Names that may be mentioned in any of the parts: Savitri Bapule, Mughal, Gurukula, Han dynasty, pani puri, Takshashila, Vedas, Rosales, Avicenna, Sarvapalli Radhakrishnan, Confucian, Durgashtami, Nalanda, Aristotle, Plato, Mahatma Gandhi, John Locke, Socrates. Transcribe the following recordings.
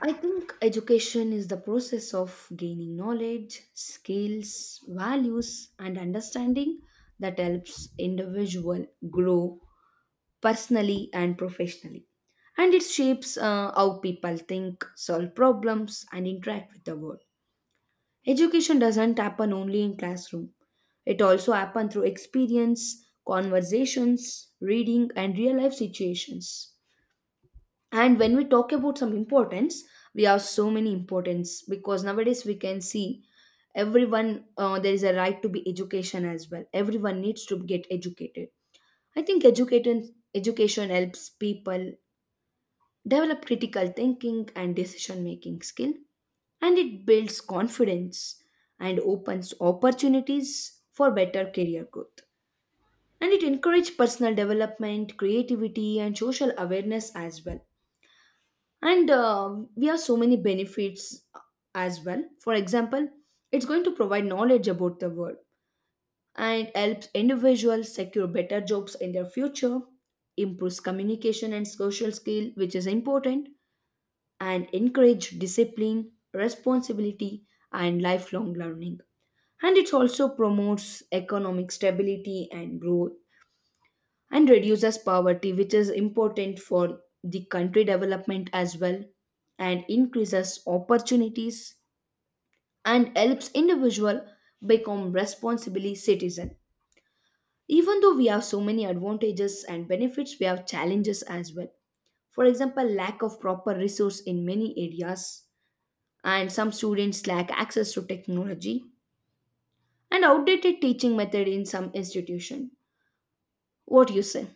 I think education is the process of gaining knowledge, skills, values, and understanding that helps individual grow personally and professionally. And it shapes how people think, solve problems, and interact with the world. Education doesn't happen only in classroom. It also happens through experience, conversations, reading, and real life situations, and when we talk about some importance, we have so many importance because nowadays we can see everyone there is a right to be education as well, everyone needs to get educated. I think education helps people develop critical thinking and decision making skill, and it builds confidence and opens opportunities for better career growth. And it encourages personal development, creativity, and social awareness as well. And we have so many benefits as well, for example, it's going to provide knowledge about the world and helps individuals secure better jobs in their future, improves communication and social skill which is important, and encourage discipline responsibility and lifelong learning. And it also promotes economic stability and growth and reduces poverty, which is important for the country development as well, and increases opportunities and helps individual become responsible citizen. Even though we have so many advantages and benefits, we have challenges as well. For example, lack of proper resource in many areas, and some students lack access to technology, and outdated teaching method in some institution. What you say?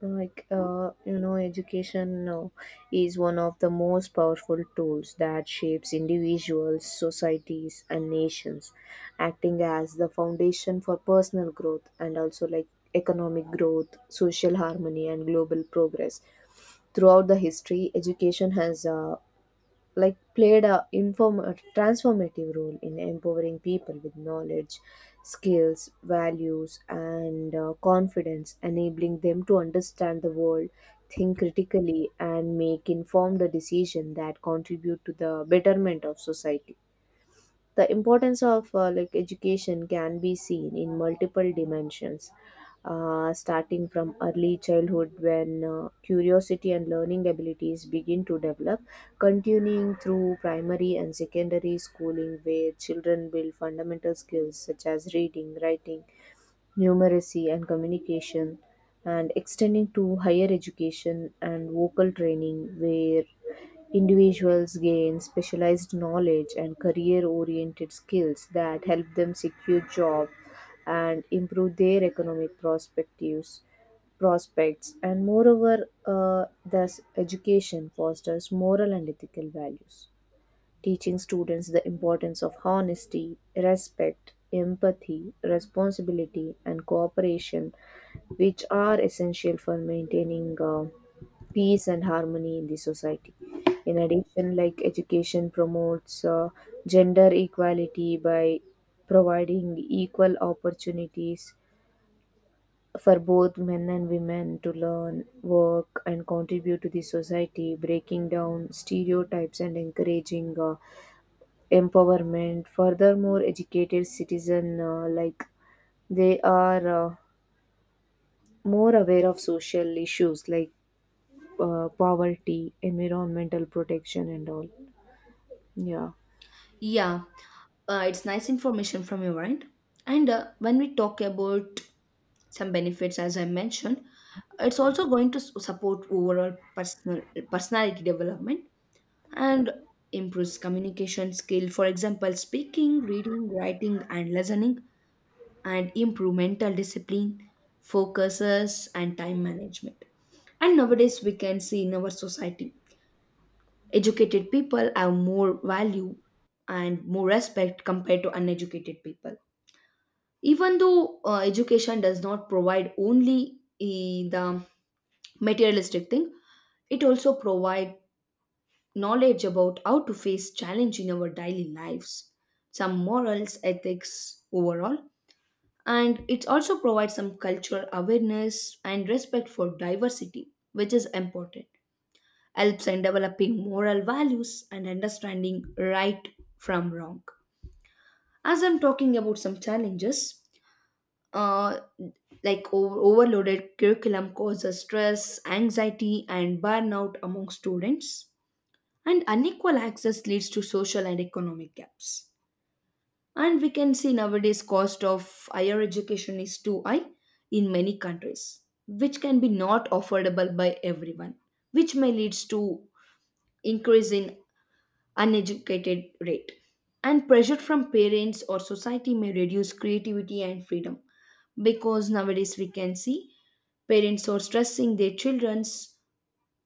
Education is one of the most powerful tools that shapes individuals, societies, and nations, acting as the foundation for personal growth and also economic growth, social harmony, and global progress. Throughout the history, education has a transformative role in empowering people with knowledge, skills, values, and confidence, enabling them to understand the world, think critically, and make informed decisions that contribute to the betterment of society. The importance of education can be seen in multiple dimensions, starting from early childhood when curiosity and learning abilities begin to develop, continuing through primary and secondary schooling where children build fundamental skills such as reading, writing, numeracy, and communication, and extending to higher education and vocal training where individuals gain specialized knowledge and career-oriented skills that help them secure jobs and improve their economic perspectives prospects. And moreover, thus education fosters moral and ethical values, teaching students the importance of honesty, respect, empathy, responsibility, and cooperation, which are essential for maintaining peace and harmony in the society. In addition, education promotes gender equality by providing equal opportunities for both men and women to learn, work, and contribute to the society, breaking down stereotypes, and encouraging empowerment. Furthermore, educated citizen, like they are more aware of social issues like poverty, environmental protection, and all. Yeah, Yeah, it's nice information from your end, and when we talk about some benefits as I mentioned, it's also going to support overall personality development, and improves communication skill, for example speaking, reading, writing and listening, and improve mental discipline, focuses and time management. And nowadays we can see in our society educated people have more value and more respect compared to uneducated people. Even though education does not provide only the materialistic thing, it also provide knowledge about how to face challenge in our daily lives, some morals, ethics overall. And it also provides some cultural awareness and respect for diversity which is important, helps in developing moral values and understanding right from wrong. As I'm talking about some challenges, uh, like overloaded curriculum causes stress, anxiety, and burnout among students. And unequal access leads to social and economic gaps. And we can see nowadays cost of higher education is too high in many countries, which can be not affordable by everyone, which may leads to increase in uneducated rate. And pressure from parents or society may reduce creativity and freedom, because nowadays we can see parents are stressing their childrens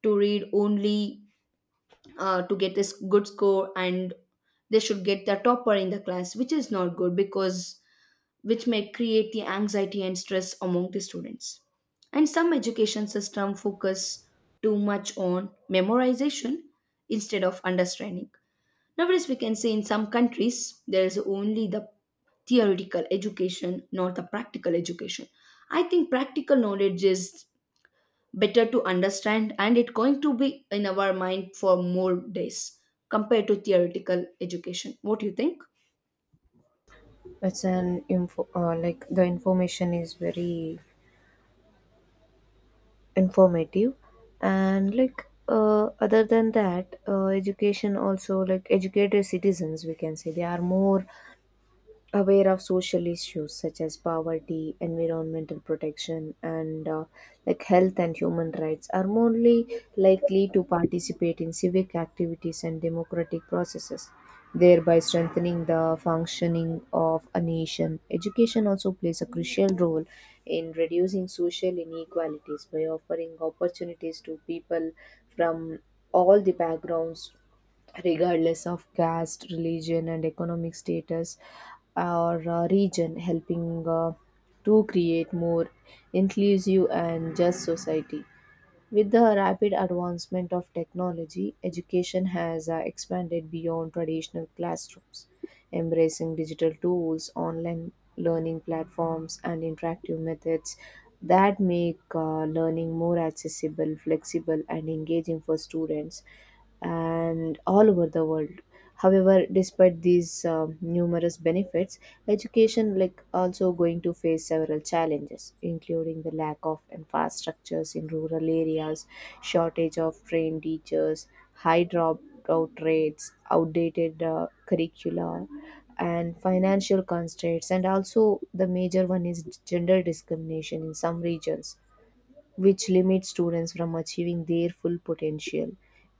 to read only, to get this good score, and they should get the topper in the class, which is not good because which may create the anxiety and stress among the students. And some education system focus too much on memorization instead of understanding. Nowadays, we can say in some countries there is only the theoretical education, not the practical education. I think practical knowledge is better to understand and it's going to be in our mind for more days compared to theoretical education. What do you think? it's an info the information is very informative, and other than that, education also, educated citizens, we can say they are more aware of social issues such as poverty, environmental protection, and health and human rights, are more likely to participate in civic activities and democratic processes, thereby strengthening the functioning of a nation. Education also plays a crucial role in reducing social inequalities by offering opportunities to people from all the backgrounds regardless of caste, religion, and economic status or region, helping to create more inclusive and just society. With the rapid advancement of technology, education has expanded beyond traditional classrooms, embracing digital tools, online learning platforms, and interactive methods that make learning more accessible, flexible, and engaging for students and all over the world. However, despite these numerous benefits, education, also going to face several challenges, including the lack of infrastructures in rural areas, shortage of trained teachers, high dropout rates, outdated curricula, and financial constraints. And also the major one is gender discrimination in some regions which limits students from achieving their full potential.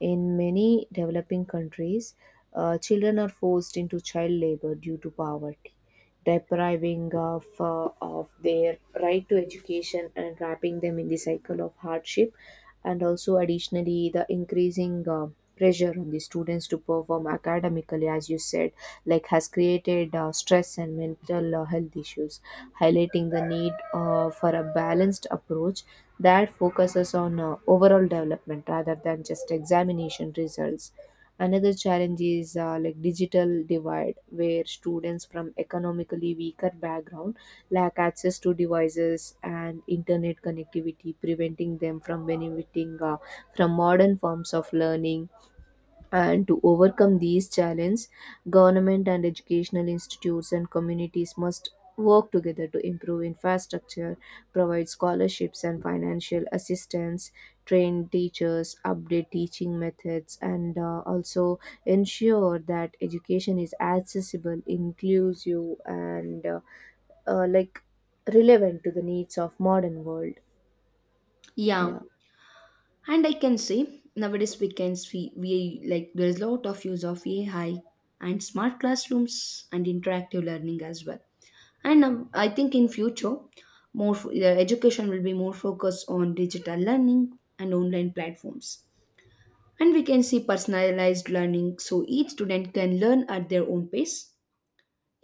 In many developing countries, children are forced into child labor due to poverty, depriving of their right to education and wrapping them in the cycle of hardship. And also, additionally, the increasing pressure on the students to perform academically, as you said, has created stress and mental health issues, highlighting the need for a balanced approach that focuses on overall development rather than just examination results. Another challenge is digital divide, where students from economically weaker background lack access to devices and internet connectivity, preventing them from benefiting from modern forms of learning. And to overcome these challenges, government and educational institutes and communities must work together to improve infrastructure, provide scholarships and financial assistance, train teachers, update teaching methods, and also ensure that education is accessible, inclusive, and uh, like relevant to the needs of modern world. Yeah, Yeah. and I can say nowadays we can see we like there is a lot of use of AI and smart classrooms and interactive learning as well. And I think in future more the education will be more focused on digital learning and online platforms, and we can see personalized learning so each student can learn at their own pace.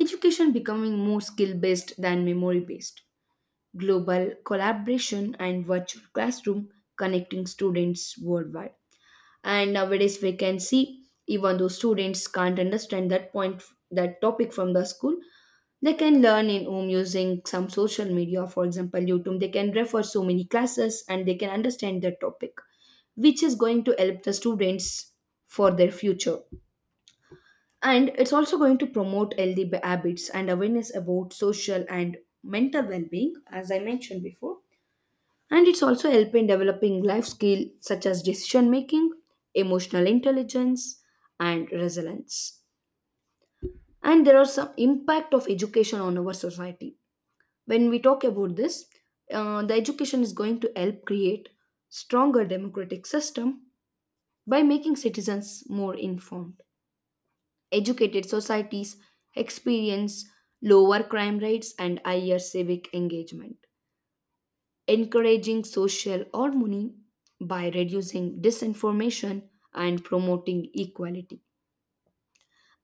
Education becoming more skill based than memory based. Global collaboration and virtual classroom connecting students worldwide. And nowadays we can see even though students can't understand that topic from the school, they can learn in home using some social media, for example YouTube. They can refer so many classes and they can understand the topic, which is going to help the students for their future. And it's also going to promote healthy habits and awareness about social and mental well-being as I mentioned before. And it's also help in developing life skills such as decision making, emotional intelligence, and resilience. And there are some impact of education on our society. When we talk about this, the education is going to help create stronger democratic system by making citizens more informed. Educated societies experience lower crime rates and higher civic engagement, encouraging social harmony by reducing disinformation and promoting equality.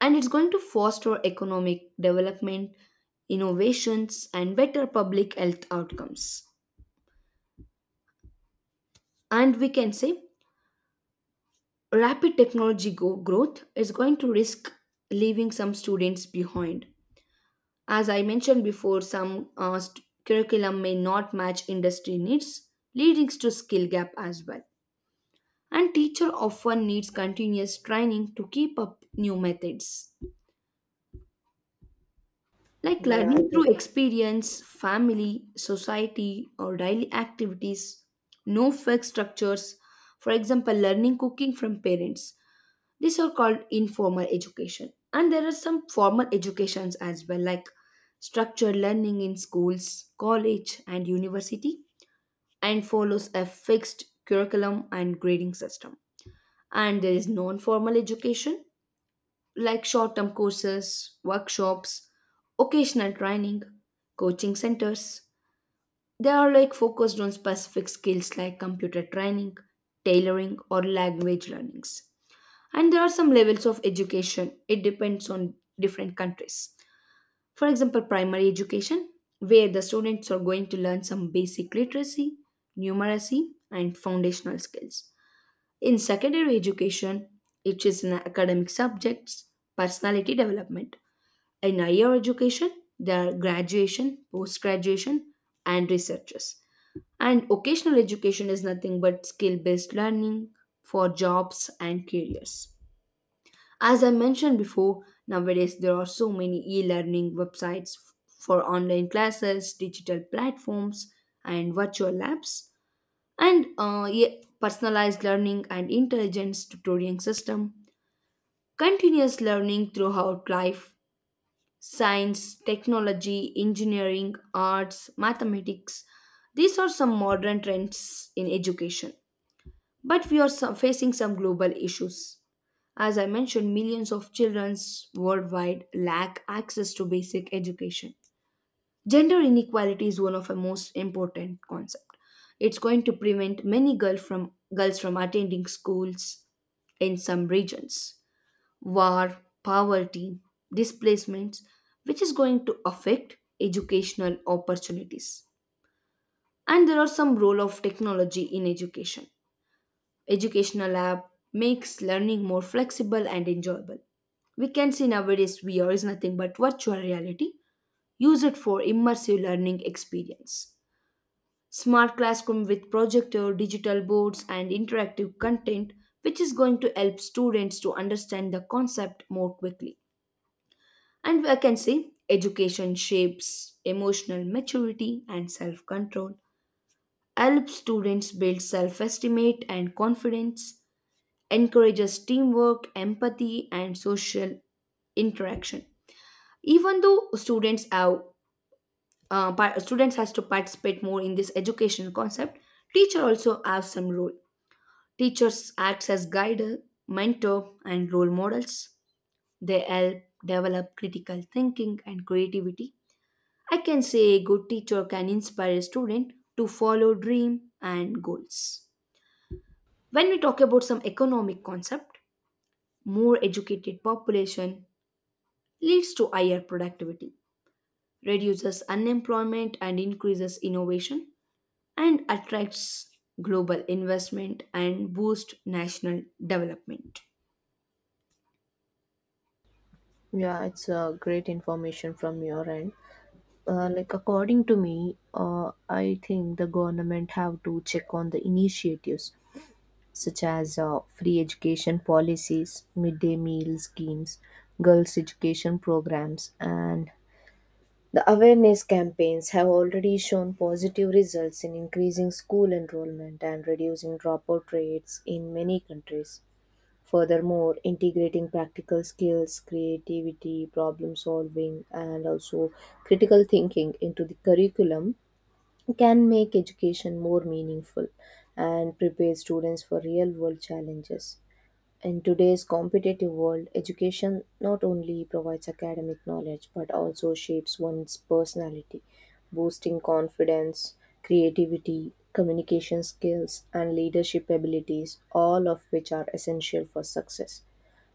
And it's going to foster economic development, innovations, and better public health outcomes. And we can say rapid technology growth is going to risk leaving some students behind. As I mentioned before, some curriculum may not match industry needs, leading to skill gap as well. And teacher often needs continuous training to keep up new methods. Like Yeah, I learning do. through experience, family, society, or daily activities, no fixed structures. For example, learning cooking from parents. These are called informal education. And there are some formal educations as well, like structured learning in schools, college, and university, and follows a fixed curriculum and grading system. And there is non formal education, like short term courses, workshops, occasional training, coaching centers. They are like focused on specific skills like computer training, tailoring, or language learnings. And there are some levels of education, it depends on different countries. For example, primary education, where the students are going to learn some basic literacy, numeracy, and foundational skills. In secondary education, it is in academic subjects, personality development. In higher education, there are graduation, post graduation, and researchers. And occasional education is nothing but skill based learning for jobs and careers. As I mentioned before, nowadays there are so many e learning websites for online classes, digital platforms, and virtual labs, and yeah, personalized learning and intelligence tutoring system. Continuous learning throughout life, science, technology, engineering, arts, mathematics. These are some modern trends in education. But we are facing some global issues. As I mentioned, millions of children worldwide lack access to basic education. Gender inequality is one of the most important concepts. It's going to prevent many girls from attending schools in some regions. War, poverty, displacements, which is going to affect educational opportunities. And there are some role of technology in education. Educational app makes learning more flexible and enjoyable. We can see nowadays VR is nothing but virtual reality. Use it for immersive learning experience. Smart classroom with projector, digital boards, and interactive content, which is going to help students to understand the concept more quickly. And I can say education shapes emotional maturity and self control, helps students build self estimate and confidence, encourages teamwork, empathy, and social interaction. Even though students has to participate more in this educational concept, teacher also have some role. Teachers acts as guide, mentor, and role models. They help develop critical thinking and creativity. I can say a good teacher can inspire a student to follow dream and goals. When we talk about some economic concept, more educated population leads to higher productivity, reduces unemployment and increases innovation, and attracts global investment and boosts national development. Yeah, it's great information from your end. According to me, I think the government have to check on the initiatives such as free education policies, midday meal schemes, girls education programs, and the awareness campaigns have already shown positive results in increasing school enrollment and reducing dropout rates in many countries. Furthermore, integrating practical skills, creativity, problem solving, and also critical thinking into the curriculum can make education more meaningful and prepare students for real world challenges. In today's competitive world, education not only provides academic knowledge but also shapes one's personality, boosting confidence, creativity, communication skills, and leadership abilities, all of which are essential for success.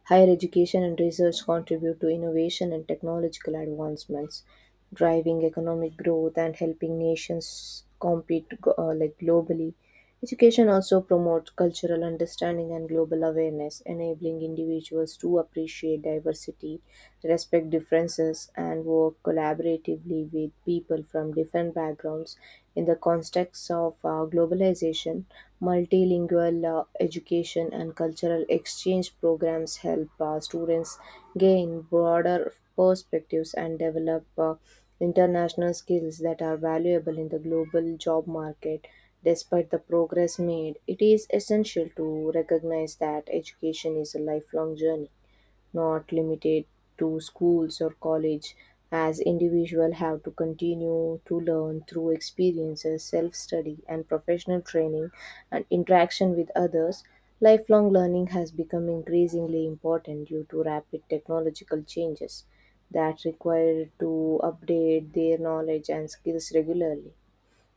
Higher education and research contribute to innovation and technological advancements, driving economic growth and helping nations compete globally. Education also promotes cultural understanding and global awareness, enabling individuals to appreciate diversity, respect differences, and work collaboratively with people from different backgrounds. In the context of globalization, multilingual education and cultural exchange programs help students gain broader perspectives and develop international skills that are valuable in the global job market. Despite the progress made, it is essential to recognize that education is a lifelong journey, not limited to schools or college, as individuals have to continue to learn through experiences, self-study, and professional training, and interaction with others. Lifelong learning has become increasingly important due to rapid technological changes that require to update their knowledge and skills regularly.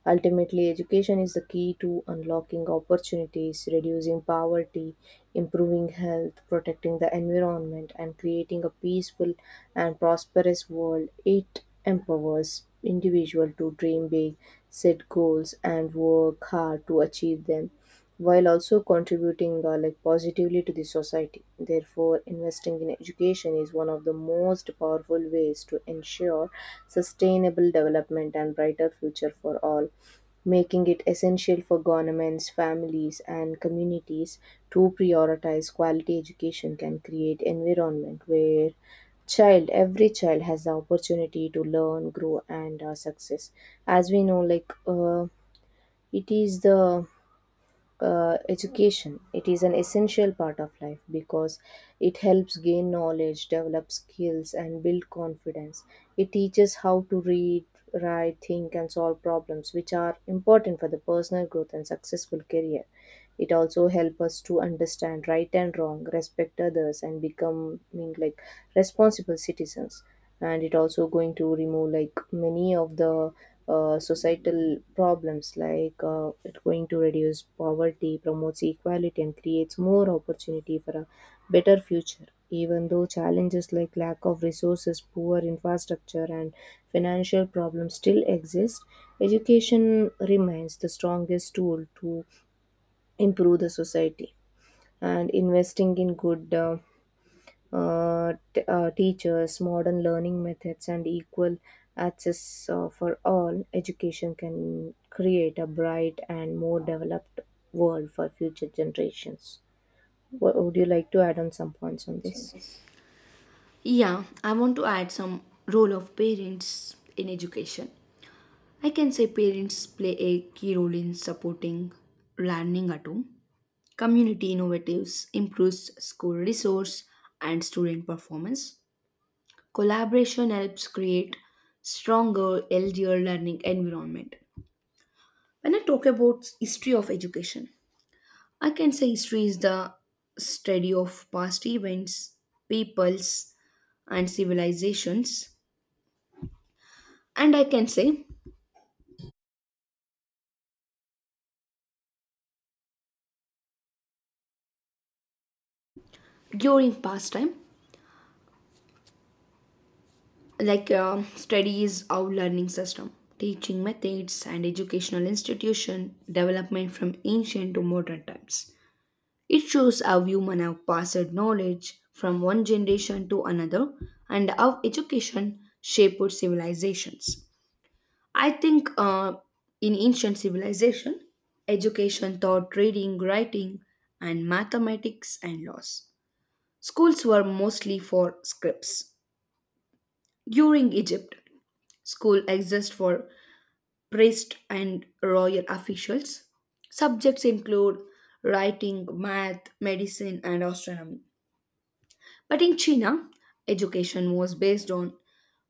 Ultimately, education is the key to unlocking opportunities, reducing poverty, improving health, protecting the environment, and creating a peaceful and prosperous world. It empowers individuals to dream big, set goals, and work hard to achieve them while also contributing positively to the society. Therefore, investing in education is one of the most powerful ways to ensure sustainable development and brighter future for all, making it essential for governments, families, and communities to prioritize quality education can create environment where child every child has the opportunity to learn, grow, and success. As we know, it is the education, it is an essential part of life because it helps gain knowledge, develop skills, and build confidence. It teaches how to read, write, think, and solve problems, which are important for the personal growth and successful career. It also helps us to understand right and wrong, respect others, and becoming responsible citizens. And it also going to remove many of the societal problems, it's going to reduce poverty, promotes equality, and creates more opportunity for a better future. Even though challenges like lack of resources, poor infrastructure, and financial problems still exist, education remains the strongest tool to improve the society. And investing in good teachers, modern learning methods, and equal access for all, education can create a bright and more developed world for future generations. What, would you like to add on some points on this? Yeah, I want to add some role of parents in education. I can say parents play a key role in supporting learning at home. Community innovatives improves school resource and student performance. Collaboration helps create stronger, healthier learning environment. When I talk about history of education, I can say history is the study of past events, peoples, and civilizations. And I can say during past time, like study is our learning system, teaching methods, and educational institution development from ancient to modern times. It shows how humans have passed knowledge from one generation to another and how education shaped civilizations. I think in ancient civilization, education taught reading, writing, and mathematics and laws. Schools were mostly for scripts. During Egypt, school exists for priests and royal officials. Subjects include writing, math, medicine, and astronomy. But in China, education was based on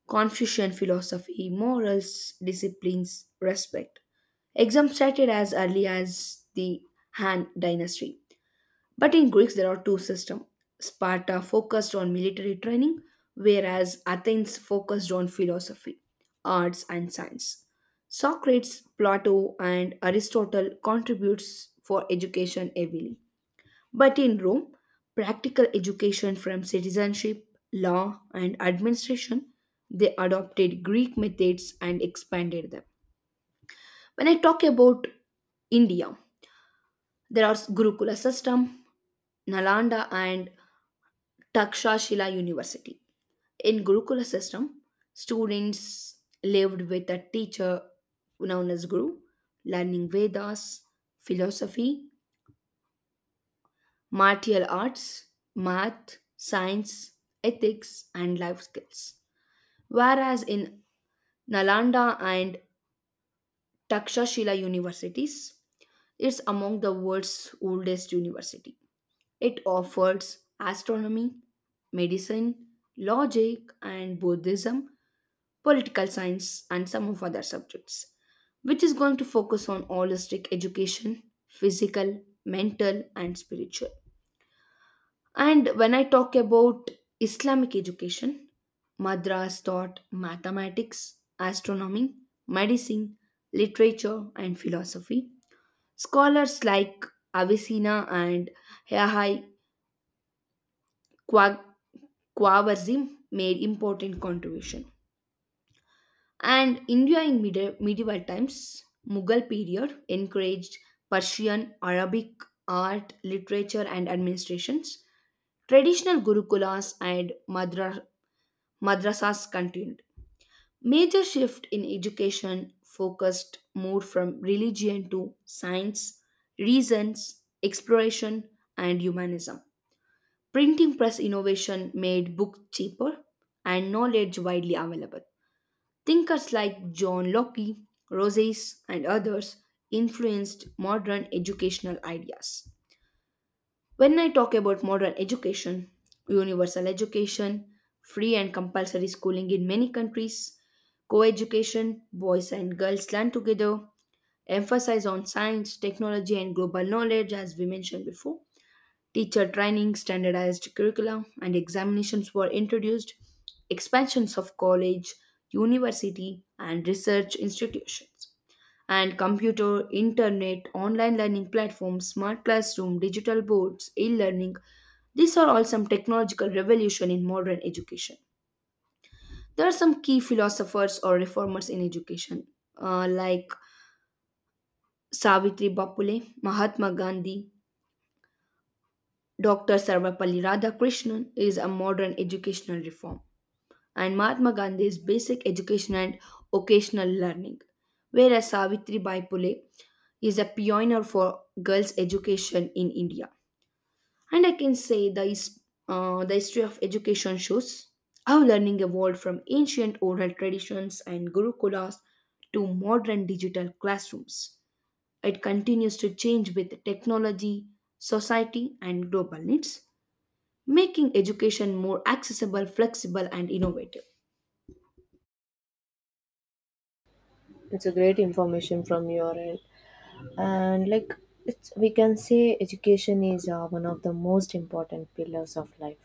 Confucian philosophy, morals, disciplines, respect. Exams started as early as the Han dynasty. But in Greeks, there are two systems. Sparta focused on military training, whereas Athens focused on philosophy, arts, and science. Socrates, Plato, and Aristotle contributes for education heavily. But in Rome, practical education from citizenship, law, and administration, they adopted Greek methods and expanded them. When I talk about India, there are Gurukula system, Nalanda and Takshashila University. In Gurukula system, students lived with a teacher known as Guru, learning Vedas, philosophy, martial arts, math, science, ethics, and life skills. Whereas in Nalanda and Takshashila universities, it's among the world's oldest university. It offers astronomy, medicine, logic and Buddhism, political science, and some of other subjects, which is going to focus on holistic education, physical, mental, and spiritual. And when I talk about Islamic education, madras taught mathematics, astronomy, medicine, literature, and philosophy. Scholars like Avicenna and Yahya Khwa- Khwarizm made important contribution. And India in medieval times, Mughal period encouraged Persian, Arabic, art, literature, and administrations. Traditional gurukulas and Madrasas continued. Major shift in education focused more from religion to science, reasons, exploration, and humanism. Printing press innovation made books cheaper and knowledge widely available. Thinkers like John Locke, Rosales, and others influenced modern educational ideas. When I talk about modern education, universal education, free and compulsory schooling in many countries, co-education, boys and girls learn together, emphasis on science, technology and global knowledge as we mentioned before, teacher training, standardized curricula and examinations were introduced, expansions of college, university and research institutions, and computer, internet, online learning platforms, smart classroom, digital boards, e learning, these are all some technological revolution in modern education. There are some key philosophers or reformers in education, like Savitri Bapule, Mahatma Gandhi, Dr. Sarvapalli Radhakrishnan is a modern educational reform, and Mahatma Gandhi is basic education and occasional learning, whereas Savitri Bapule is a pioneer for girls' education in India. And I can say the history of education shows how learning evolved from ancient oral traditions and gurukulas to modern digital classrooms. It continues to change with technology, society, and global needs, making education more accessible, flexible, and innovative. It's a great information from your end. And we can say education is one of the most important pillars of life,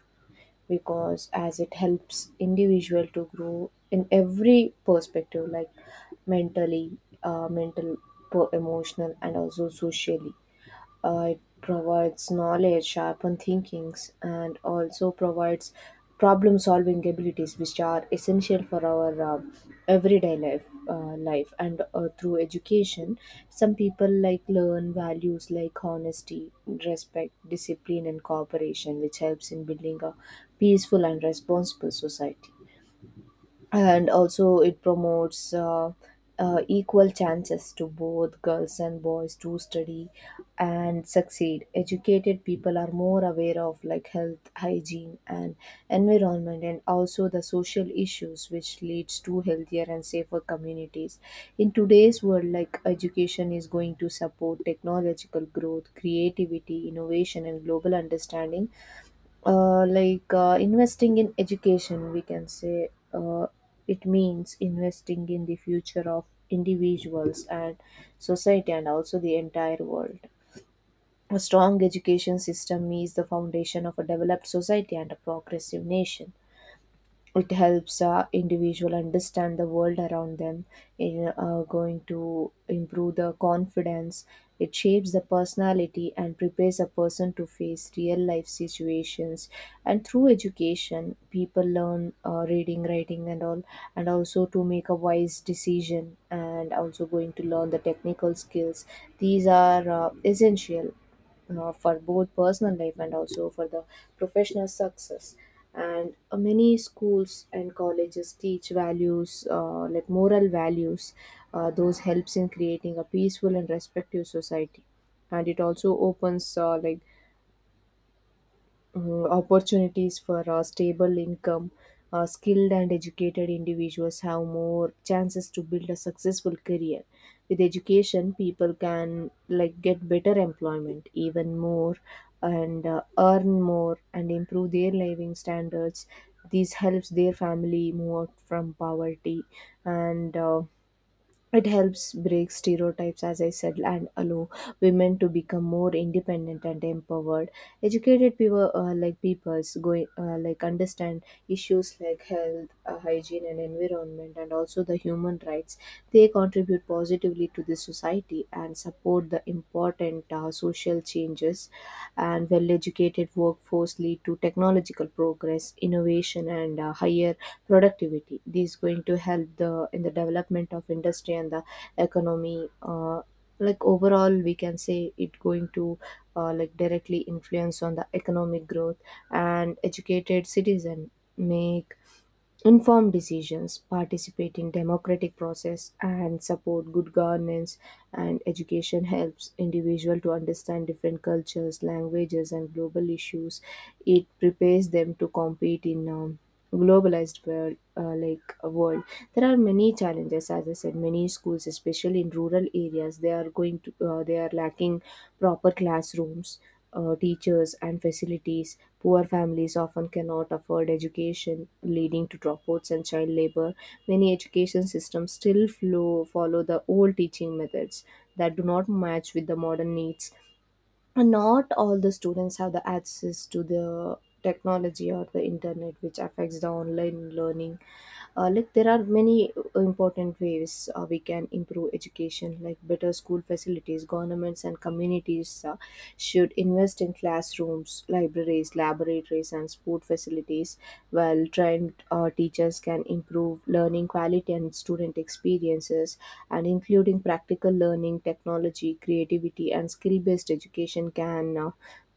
because as it helps individual to grow in every perspective like mentally, uh, mental emotional and also socially. It provides knowledge, sharpen thinkings, and also provides problem solving abilities which are essential for our everyday life. And through education some people learn values like honesty, respect, discipline, and cooperation, which helps in building a peaceful and responsible society. And also it promotes equal chances to both girls and boys to study and succeed. Educated people are more aware of health, hygiene, and environment, and also the social issues, which leads to healthier and safer communities. In today's world, education is going to support technological growth, creativity, innovation, and global understanding. Investing in education, we can say, it means investing in the future of individuals and society and also the entire world. A strong education system is the foundation of a developed society and a progressive nation. It helps individual understand the world around them, in going to improve the confidence. It shapes the personality and prepares a person to face real life situations. And through education people learn reading, writing, and all, and also to make a wise decision, and also going to learn the technical skills. These are essential for both personal life and also for the professional success. And many schools and colleges teach values, moral values, those helps in creating a peaceful and respectful society. And it also opens opportunities for stable income. Skilled and educated individuals have more chances to build a successful career. With education, people can get better employment, even more, and earn more and improve their living standards. This helps their family move out from poverty. And. It helps break stereotypes, as I said, and allow women to become more independent and empowered. Educated peoples going understand issues like health, hygiene, and environment, and also the human rights. They contribute positively to the society and support the important social changes. And well educated workforce lead to technological progress, innovation, and higher productivity. This is going to help the in the development of industry and the economy. Overall, we can say it going to directly influence on the economic growth. And educated citizen make inform decisions, participate in democratic process, and support good governance. And education helps individual to understand different cultures, languages, and global issues. It prepares them to compete in globalized world like a world. There are many challenges, as I said. Many schools, especially in rural areas, they are going to they are lacking proper classrooms, teachers, and facilities. Poor families often cannot afford education, leading to dropouts and child labor. Many education systems still follow the old teaching methods that do not match with the modern needs. And not all the students have the access to the technology or the internet, which affects the online learning. There are many important ways we can improve education, like better school facilities. Governments and communities should invest in classrooms, libraries, laboratories, and sport facilities. While trained teachers can improve learning quality and student experiences, and including practical learning, technology, creativity, and skill-based education can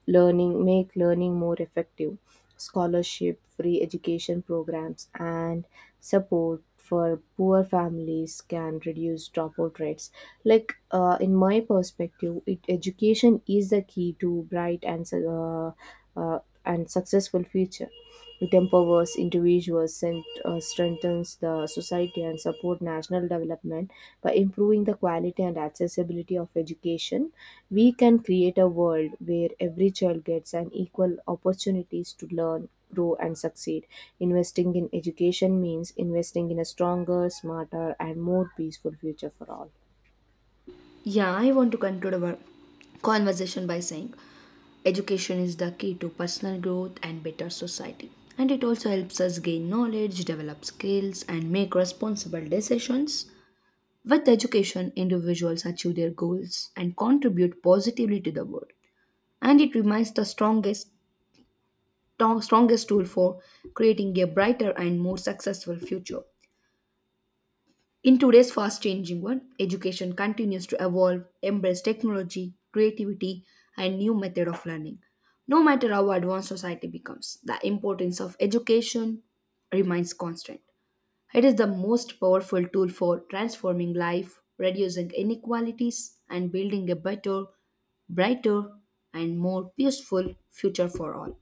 learning make learning more effective. Scholarship, free education programs, and support for poor families can reduce dropout rates. In my perspective education is the key to bright and uh, successful future. It empowers individuals and strengthens the society and support national development. By improving the quality and accessibility of education, we can create a world where every child gets an equal opportunities to learn, grow, and succeed. Investing in education means investing in a stronger, smarter, and more peaceful future for all. Yeah, I want to conclude our conversation by saying education is the key to personal growth and better society. And it also helps us gain knowledge, develop skills, and make responsible decisions. With education, individuals achieve their goals and contribute positively to the world. And it remains the strongest tool for creating a brighter and more successful future. In today's fast changing world, education continues to evolve, embrace technology, creativity, and new method of learning. No matter how advanced society becomes, the importance of education remains constant. It is the most powerful tool for transforming life, reducing inequalities, and building a better, brighter, and more peaceful future for all.